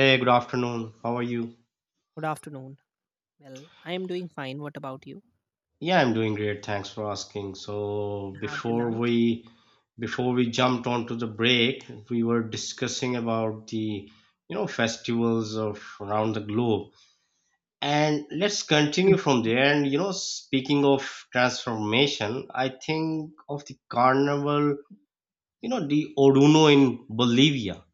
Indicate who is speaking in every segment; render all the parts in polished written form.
Speaker 1: Hey, good afternoon. How are you?
Speaker 2: Good afternoon. Well, I am doing fine. What about you?
Speaker 1: Yeah, I'm doing great. Thanks for asking. So
Speaker 2: You had your
Speaker 1: before
Speaker 2: lunch?
Speaker 1: we before we jumped onto the break, we were discussing about the festivals of around the globe. And let's continue
Speaker 2: Mhm.
Speaker 1: from there. And you know, speaking of transformation, I think of the carnival, you know, the Oruno in Bolivia.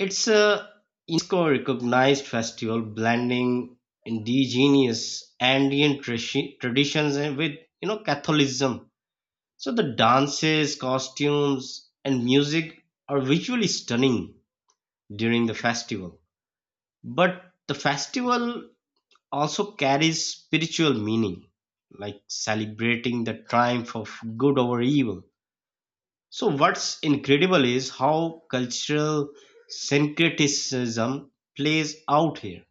Speaker 1: It's a UNESCO-recognized festival blending indigenous Andean traditions and with Catholicism. So the dances, costumes, and music are visually stunning during the festival. But the festival also carries spiritual meaning, like celebrating the triumph of good over evil. So what's incredible is how cultural syncretism plays out here.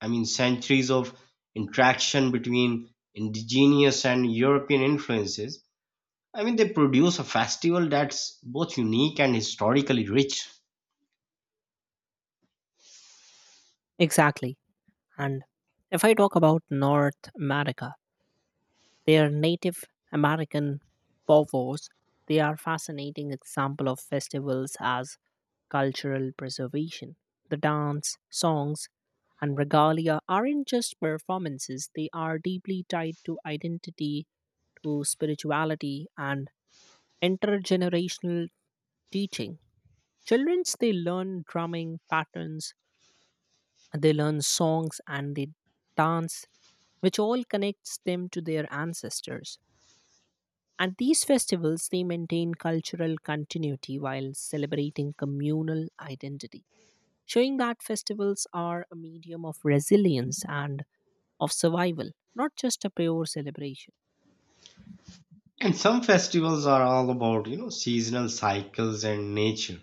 Speaker 1: I mean, centuries of interaction between indigenous and European influences. I mean, they produce a festival that's both unique and historically rich.
Speaker 2: Exactly. And if I talk about North America, their Native American povos, they are fascinating example of festivals as cultural preservation. The dance, songs, and regalia aren't just performances, they are deeply tied to identity, to spirituality, and intergenerational teaching. Children they learn drumming patterns, they learn songs and they dance, which all connects them to their ancestors. And these festivals they maintain cultural continuity while celebrating communal identity, showing that festivals are a medium of resilience and of survival, not just a pure celebration.
Speaker 1: And some festivals are all about, you know, seasonal cycles and nature,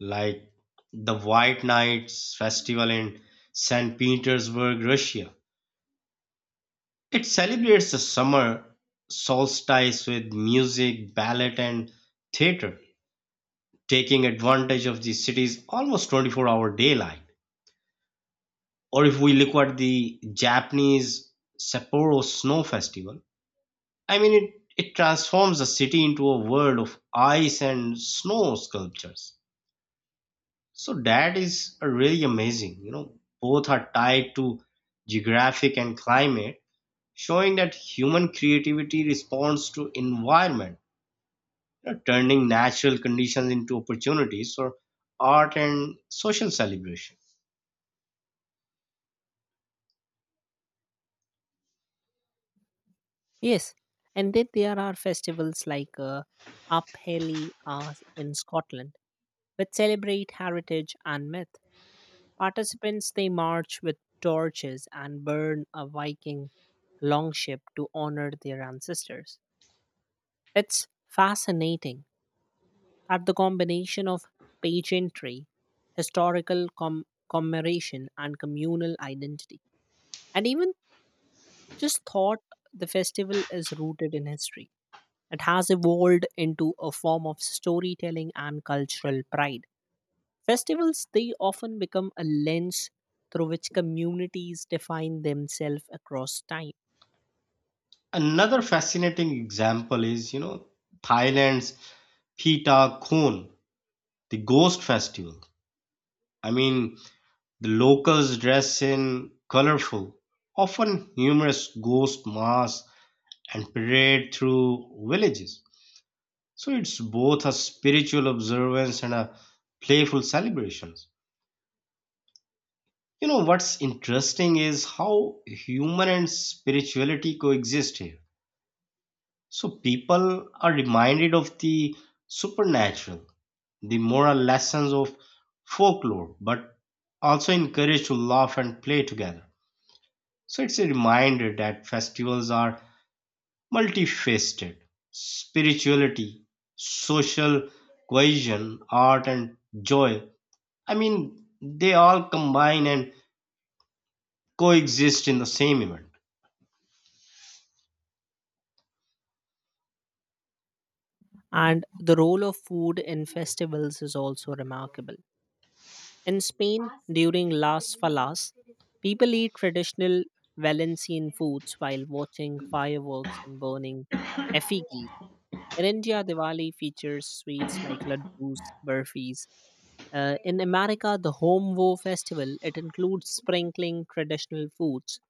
Speaker 1: like the White Nights Festival in St. Petersburg, Russia. It celebrates the summer solstice with music, ballet, and theater, taking advantage of the city's almost 24-hour daylight. Or if we look at the Japanese Sapporo Snow Festival, I mean, it transforms the city into a world of ice and snow sculptures. So that is really amazing. You know, both are tied to geographic and climate, showing that human creativity responds to environment, turning natural conditions into opportunities for art and social celebration.
Speaker 2: Yes, and then there are festivals like Upheli in Scotland, which celebrate heritage and myth. Participants they march with torches and burn a Viking longship to honor their ancestors. It's fascinating that the combination of pageantry, historical commemoration, and communal identity, and even just thought the festival is rooted in history. It has evolved into a form of storytelling and cultural pride. Festivals, they often become a lens through which communities define themselves across time.
Speaker 1: Another fascinating example is, you know, Thailand's Pita Khon, the ghost festival. I mean, the locals dress in colorful, often humorous ghost masks and parade through villages. So it's both a spiritual observance and a playful celebration. You know what's interesting is how human and spirituality coexist here. So people are reminded of the supernatural, the moral lessons of folklore, but also encouraged to laugh and play together. So it's a reminder that festivals are multifaceted. Spirituality, social cohesion, art, and joy. I mean, they all combine and coexist in the same event.
Speaker 2: And the role of food in festivals is also remarkable. In Spain, during Las Falas, people eat traditional Valencian foods while watching fireworks and burning effigies. In India, Diwali features sweets like laddus, burfis. In America, the Home Woe festival it includes sprinkling traditional foods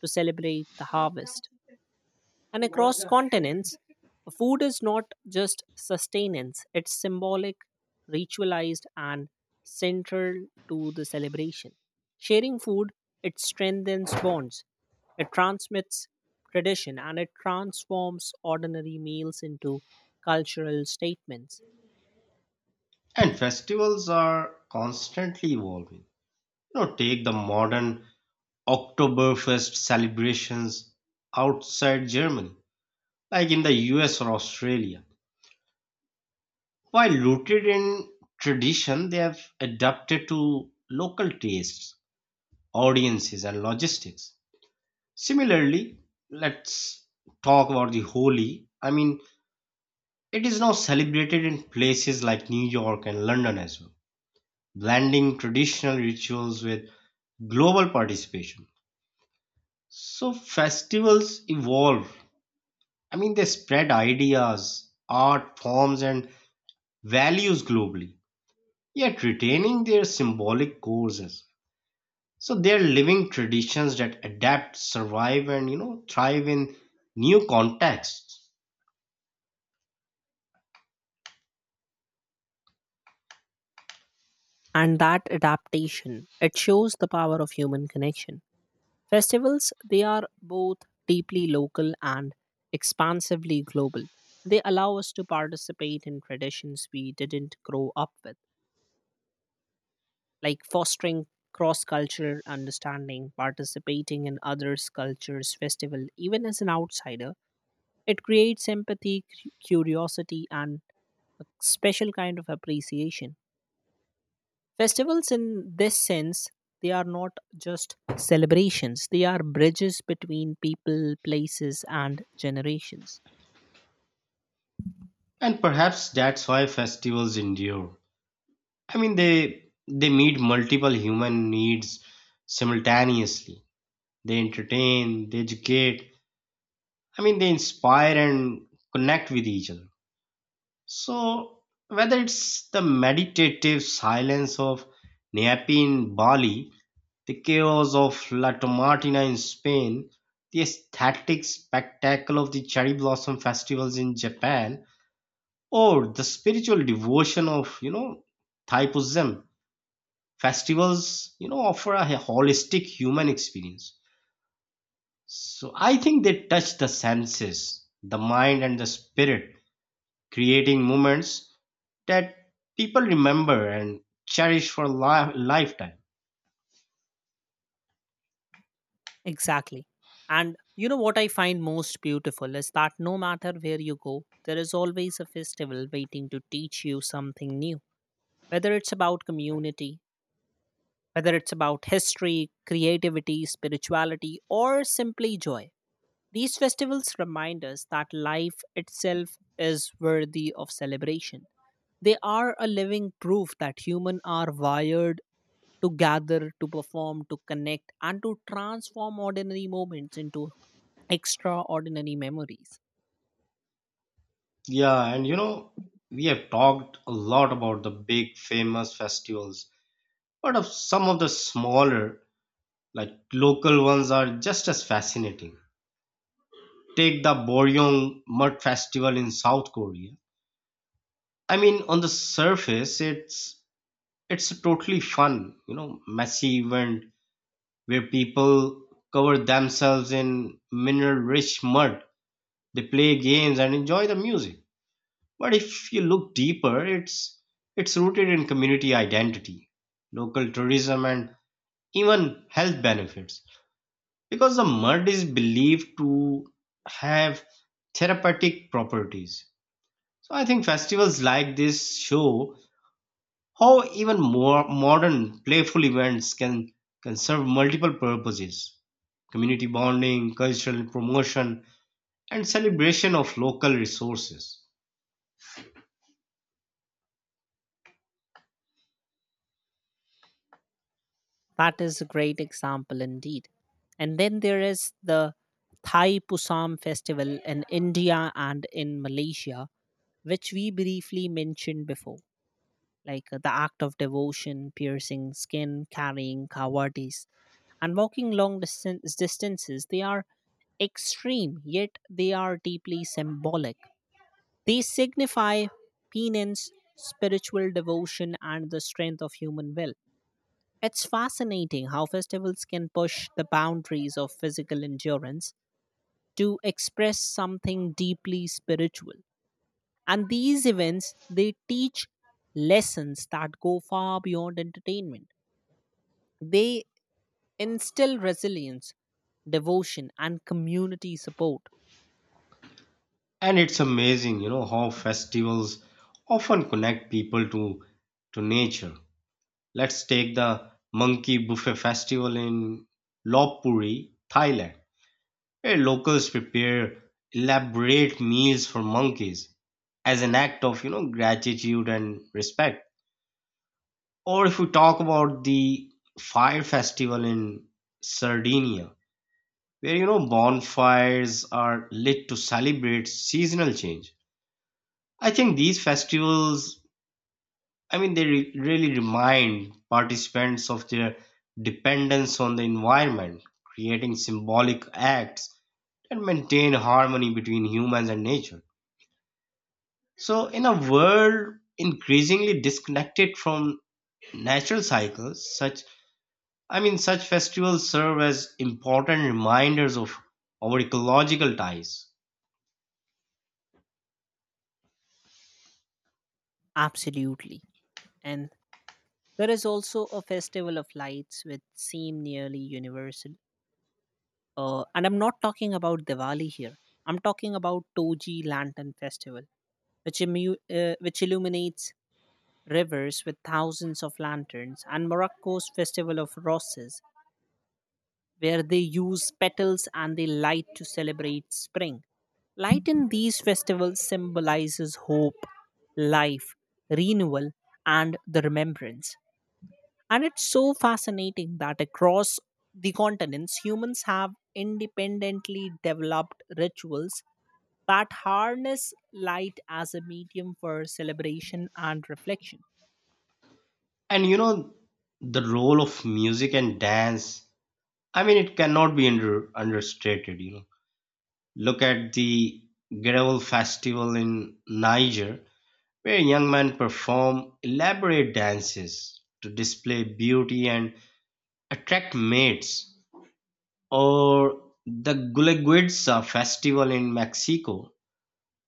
Speaker 2: to celebrate the harvest. And across continents, food is not just sustenance, it's symbolic, ritualized, and central to the celebration. Sharing food, it strengthens bonds, it transmits tradition, and it transforms ordinary meals into cultural statements.
Speaker 1: And festivals are constantly evolving. You know, take the modern Oktoberfest celebrations outside Germany, like in the US or Australia. While rooted in tradition, they have adapted to local tastes, audiences, and logistics. Similarly, let's talk about the Holi. I mean, it is now celebrated in places like New York and London as well, blending traditional rituals with global participation. So festivals evolve. I mean, they spread ideas, art forms, and values globally, yet retaining their symbolic causes. So they're living traditions that adapt, survive, and you know thrive in new contexts.
Speaker 2: And that adaptation, it shows the power of human connection. Festivals, they are both deeply local and expansively global. They allow us to participate in traditions we didn't grow up with, like fostering cross cultural understanding, participating in others' cultures' festival, even as an outsider. It creates empathy, curiosity, and a special kind of appreciation. Festivals, in this sense, they are not just celebrations, they are bridges between people, places, and generations.
Speaker 1: And perhaps that's why festivals endure. I mean, they meet multiple human needs simultaneously. They entertain, they educate, I mean, they inspire and connect with each other. So, whether it's the meditative silence of Neapi in Bali, the chaos of La Tomatina in Spain, the aesthetic spectacle of the cherry blossom festivals in Japan, or the spiritual devotion of, you know, Thai Buddhism, festivals, you know, offer a holistic human experience. So, I think they touch the senses, the mind, and the spirit, creating moments that people remember and cherish for lifetime.
Speaker 2: Exactly. And you know what I find most beautiful is that no matter where you go, there is always a festival waiting to teach you something new, whether it's about community, whether it's about history, creativity, spirituality, or simply joy. These festivals remind us that life itself is worthy of celebration. They are a living proof that humans are wired to gather, to perform, to connect, and to transform ordinary moments into extraordinary memories.
Speaker 1: Yeah, and you know, we have talked a lot about the big famous festivals, but of some of the smaller, like local ones are just as fascinating. Take the Boryong Mud Festival in South Korea. I mean, on the surface, it's a totally fun, you know, messy event where people cover themselves in mineral-rich mud. They play games and enjoy the music. But if you look deeper, it's rooted in community identity, local tourism, and even health benefits. Because the mud is believed to have therapeutic properties. So I think festivals like this show how even more modern playful events can serve multiple purposes: community bonding, cultural promotion, and celebration of local resources.
Speaker 2: That is a great example indeed. And then there is the Thai Pusam festival in India and in Malaysia, which we briefly mentioned before, like the act of devotion, piercing skin, carrying kawadis, and walking long distances. They are extreme, yet they are deeply symbolic. They signify penance, spiritual devotion, and the strength of human will. It's fascinating how festivals can push the boundaries of physical endurance to express something deeply spiritual. And these events, they teach lessons that go far beyond entertainment. They instill resilience, devotion, and community support.
Speaker 1: And it's amazing, you know, how festivals often connect people to nature. Let's take the monkey buffet festival in Lopburi, Thailand, where locals prepare elaborate meals for monkeys as an act of, you know, gratitude and respect. Or if we talk about the fire festival in Sardinia, where, you know, bonfires are lit to celebrate seasonal change, I think these festivals, I mean, they really remind participants of their dependence on the environment, creating symbolic acts that maintain harmony between humans and nature. So, in a world increasingly disconnected from natural cycles, such, I mean, such festivals serve as important reminders of our ecological ties.
Speaker 2: Absolutely. And there is also a festival of lights which seem nearly universal, and I'm not talking about Diwali here. I'm talking about Toji lantern festival, which illuminates rivers with thousands of lanterns, and Morocco's festival of roses, where they use petals and they light to celebrate spring. Light in these festivals symbolizes hope, life, renewal, and the remembrance. And it's so fascinating that across the continents, humans have independently developed rituals that harness light as a medium for celebration and reflection.
Speaker 1: And you know, the role of music and dance. I mean, it cannot be understated. You know. Look at the Geraul festival in Niger, where young men perform elaborate dances to display beauty and attract mates, or the Guleguetza festival in Mexico,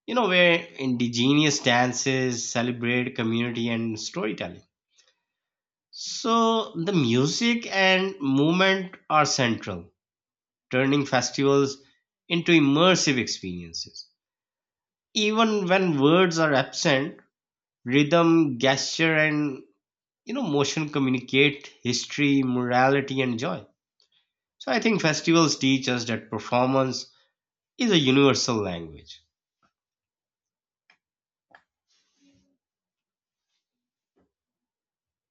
Speaker 1: you know, where indigenous dances celebrate community and storytelling. So the music and movement are central, turning festivals into immersive experiences. Even when words are absent, rhythm, gesture, and you know motion communicate history, morality, and joy. So I think festivals teach us that performance is a universal language,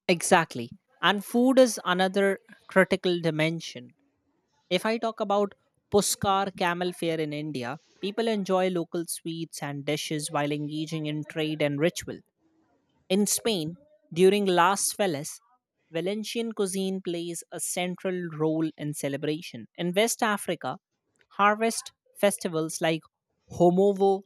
Speaker 2: Exactly. And food is another critical dimension. If I talk about Puskar camel fair in India, people enjoy local sweets and dishes while engaging in trade and ritual. In Spain, during Las Feliz, Valencian cuisine plays a central role in celebration. In West Africa, harvest festivals like Homovo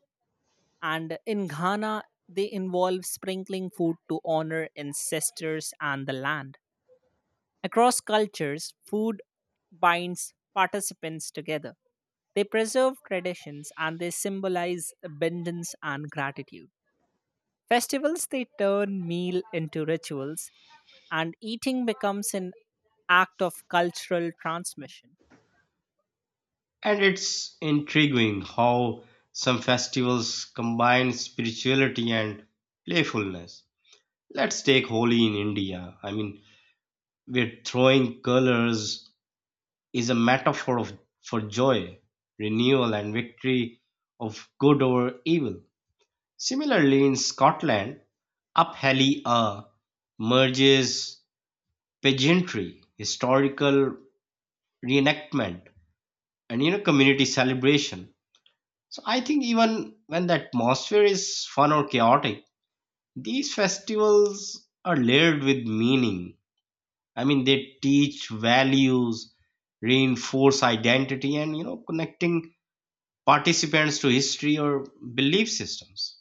Speaker 2: and in Ghana, they involve sprinkling food to honor ancestors and the land. Across cultures, food binds participants together. They preserve traditions and they symbolize abundance and gratitude. Festivals they turn meal into rituals and eating becomes an act of cultural transmission.
Speaker 1: and it's intriguing how some festivals combine spirituality and playfulness. Let's take Holi in India. I mean, we're throwing colors is a metaphor for joy, renewal, and victory of good over evil. Similarly in Scotland, up A merges pageantry, historical reenactment, and you know community celebration. So I think even when the atmosphere is fun or chaotic, these festivals are layered with meaning. I mean they teach values, reinforce identity, and you know connecting participants to history or belief systems.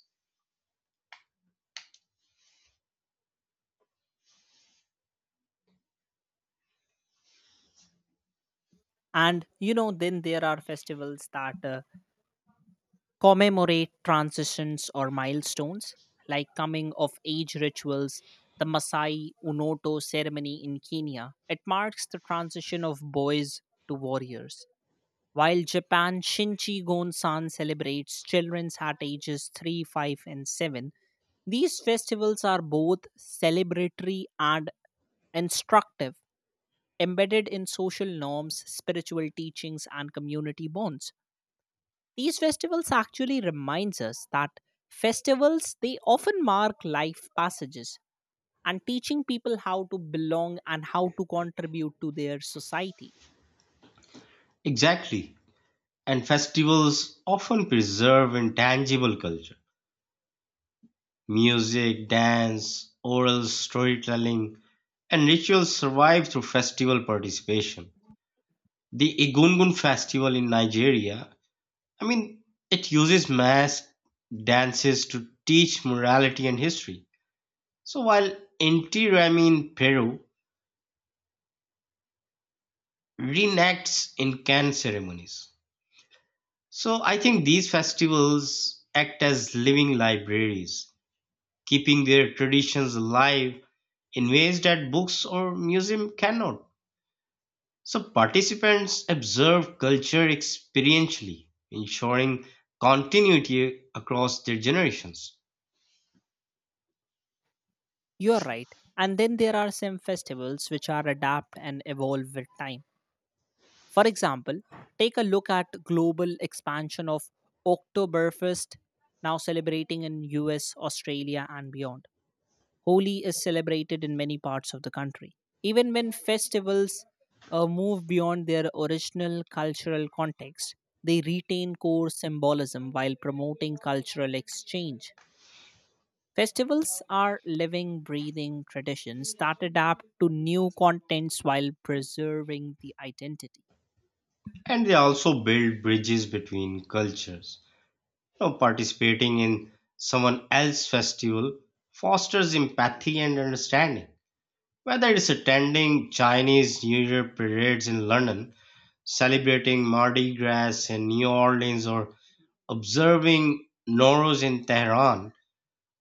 Speaker 2: And you know, then there are festivals that commemorate transitions or milestones, like coming of age rituals, the Masai Unoto ceremony in Kenya. It marks the transition of boys to warriors. While Japan, Shinchi Gonsan celebrates children's at ages 3, 5, and 7. These festivals are both celebratory and instructive, embedded in social norms, spiritual teachings, and community bonds. These festivals actually reminds us that festivals they often mark life passages and teaching people how to belong and how to contribute to their society.
Speaker 1: Exactly. And festivals often preserve intangible culture. Music, dance, oral storytelling, and rituals survive through festival participation. The Egungun festival in Nigeria, I mean, it uses mass dances to teach morality and history. So while Inti Raymi in Peru reenacts Incan ceremonies. So I think these festivals act as living libraries, keeping their traditions alive in ways that books or museum cannot. So participants observe culture experientially, ensuring continuity across their generations.
Speaker 2: You're right. And then there are some festivals which are adapt and evolve with time. For example, take a look at global expansion of Oktoberfest, now celebrating in US, Australia and beyond. Holi is celebrated in many parts of the country. Even when festivals move beyond their original cultural context, they retain core symbolism while promoting cultural exchange. Festivals are living, breathing traditions that adapt to new contents while preserving the identity.
Speaker 1: And they also build bridges between cultures. You know, participating in someone else's festival fosters empathy and understanding. Whether it's attending Chinese New Year parades in London, celebrating Mardi Gras in New Orleans, or observing Nowruz in Tehran.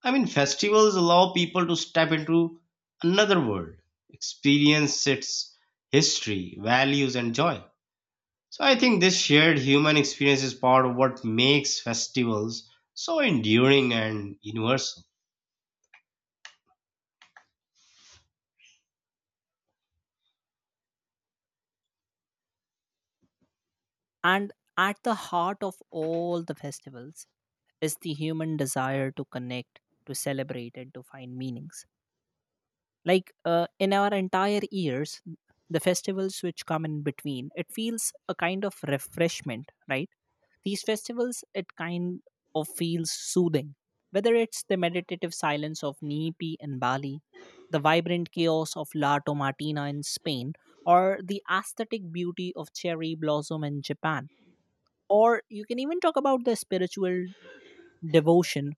Speaker 1: I mean, festivals allow people to step into another world, experience its history, values, and joy. So I think this shared human experience is part of what makes festivals so enduring and universal.
Speaker 2: And at the heart of all the festivals is the human desire to connect, to celebrate, and to find meanings. Like in our entire years, the festivals which come in between, it feels a kind of refreshment, right? These festivals, it kind of feels soothing, whether it's the meditative silence of Nipi in Bali, the vibrant chaos of La Tomatina in Spain, or the aesthetic beauty of cherry blossom in Japan, or you can even talk about the spiritual devotion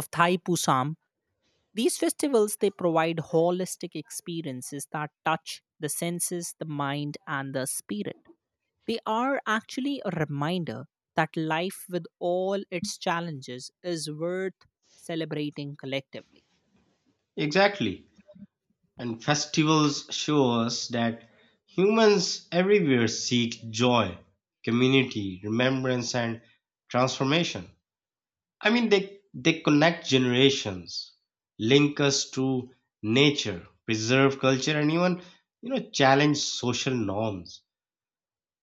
Speaker 2: of Thai Pusam. These festivals they provide holistic experiences that touch the senses, the mind and the spirit. They are actually a reminder that life with all its challenges is worth celebrating collectively.
Speaker 1: Exactly. And festivals show us that humans everywhere seek joy, community, remembrance, and transformation. I mean, they connect generations, link us to nature, preserve culture, and even, you know, challenge social norms.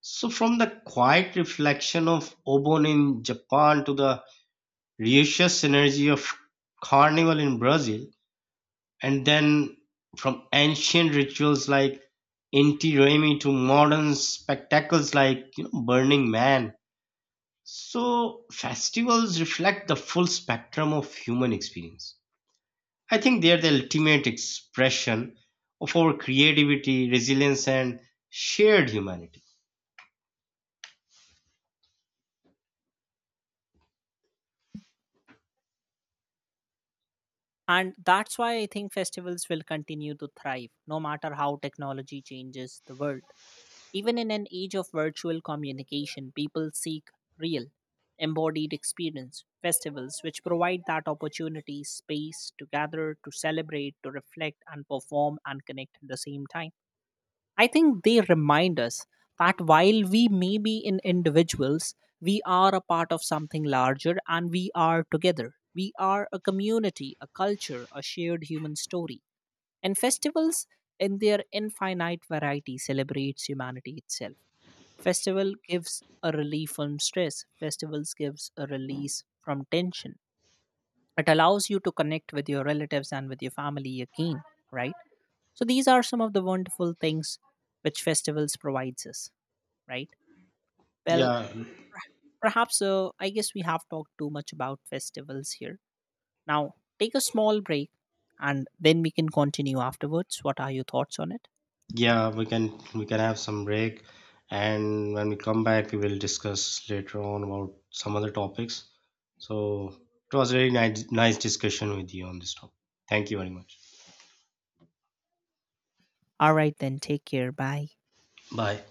Speaker 1: So, from the quiet reflection of Obon in Japan to the raucous energy of Carnival in Brazil, and then from ancient rituals like Inti Raymi to modern spectacles like, you know, Burning Man. So, festivals reflect the full spectrum of human experience. I think they are the ultimate expression of our creativity, resilience, and shared humanity.
Speaker 2: And that's why I think festivals will continue to thrive no matter how technology changes the world. Even in an age of virtual communication, people seek real, embodied experience, festivals which provide that opportunity, space to gather, to celebrate, to reflect, and perform and connect at the same time. I think they remind us that while we may be in individuals, we are a part of something larger and we are together. We are a community, a culture, a shared human story. And festivals, in their infinite variety, celebrates humanity itself. Festival gives a relief from stress. Festivals gives a release from tension. It allows you to connect with your relatives and with your family again, right? So these are some of the wonderful things which festivals provides us, right? Well,
Speaker 1: Yeah,
Speaker 2: perhaps I guess we have talked too much about festivals here. Now, take a small break and then we can continue afterwards. What are your thoughts on it?
Speaker 1: yeah, we can have some break, and when we come back, we will discuss later on about some other topics. So it was a very nice discussion with you on this topic. Thank you very much.
Speaker 2: All right, then. Take care. Bye.
Speaker 1: Bye.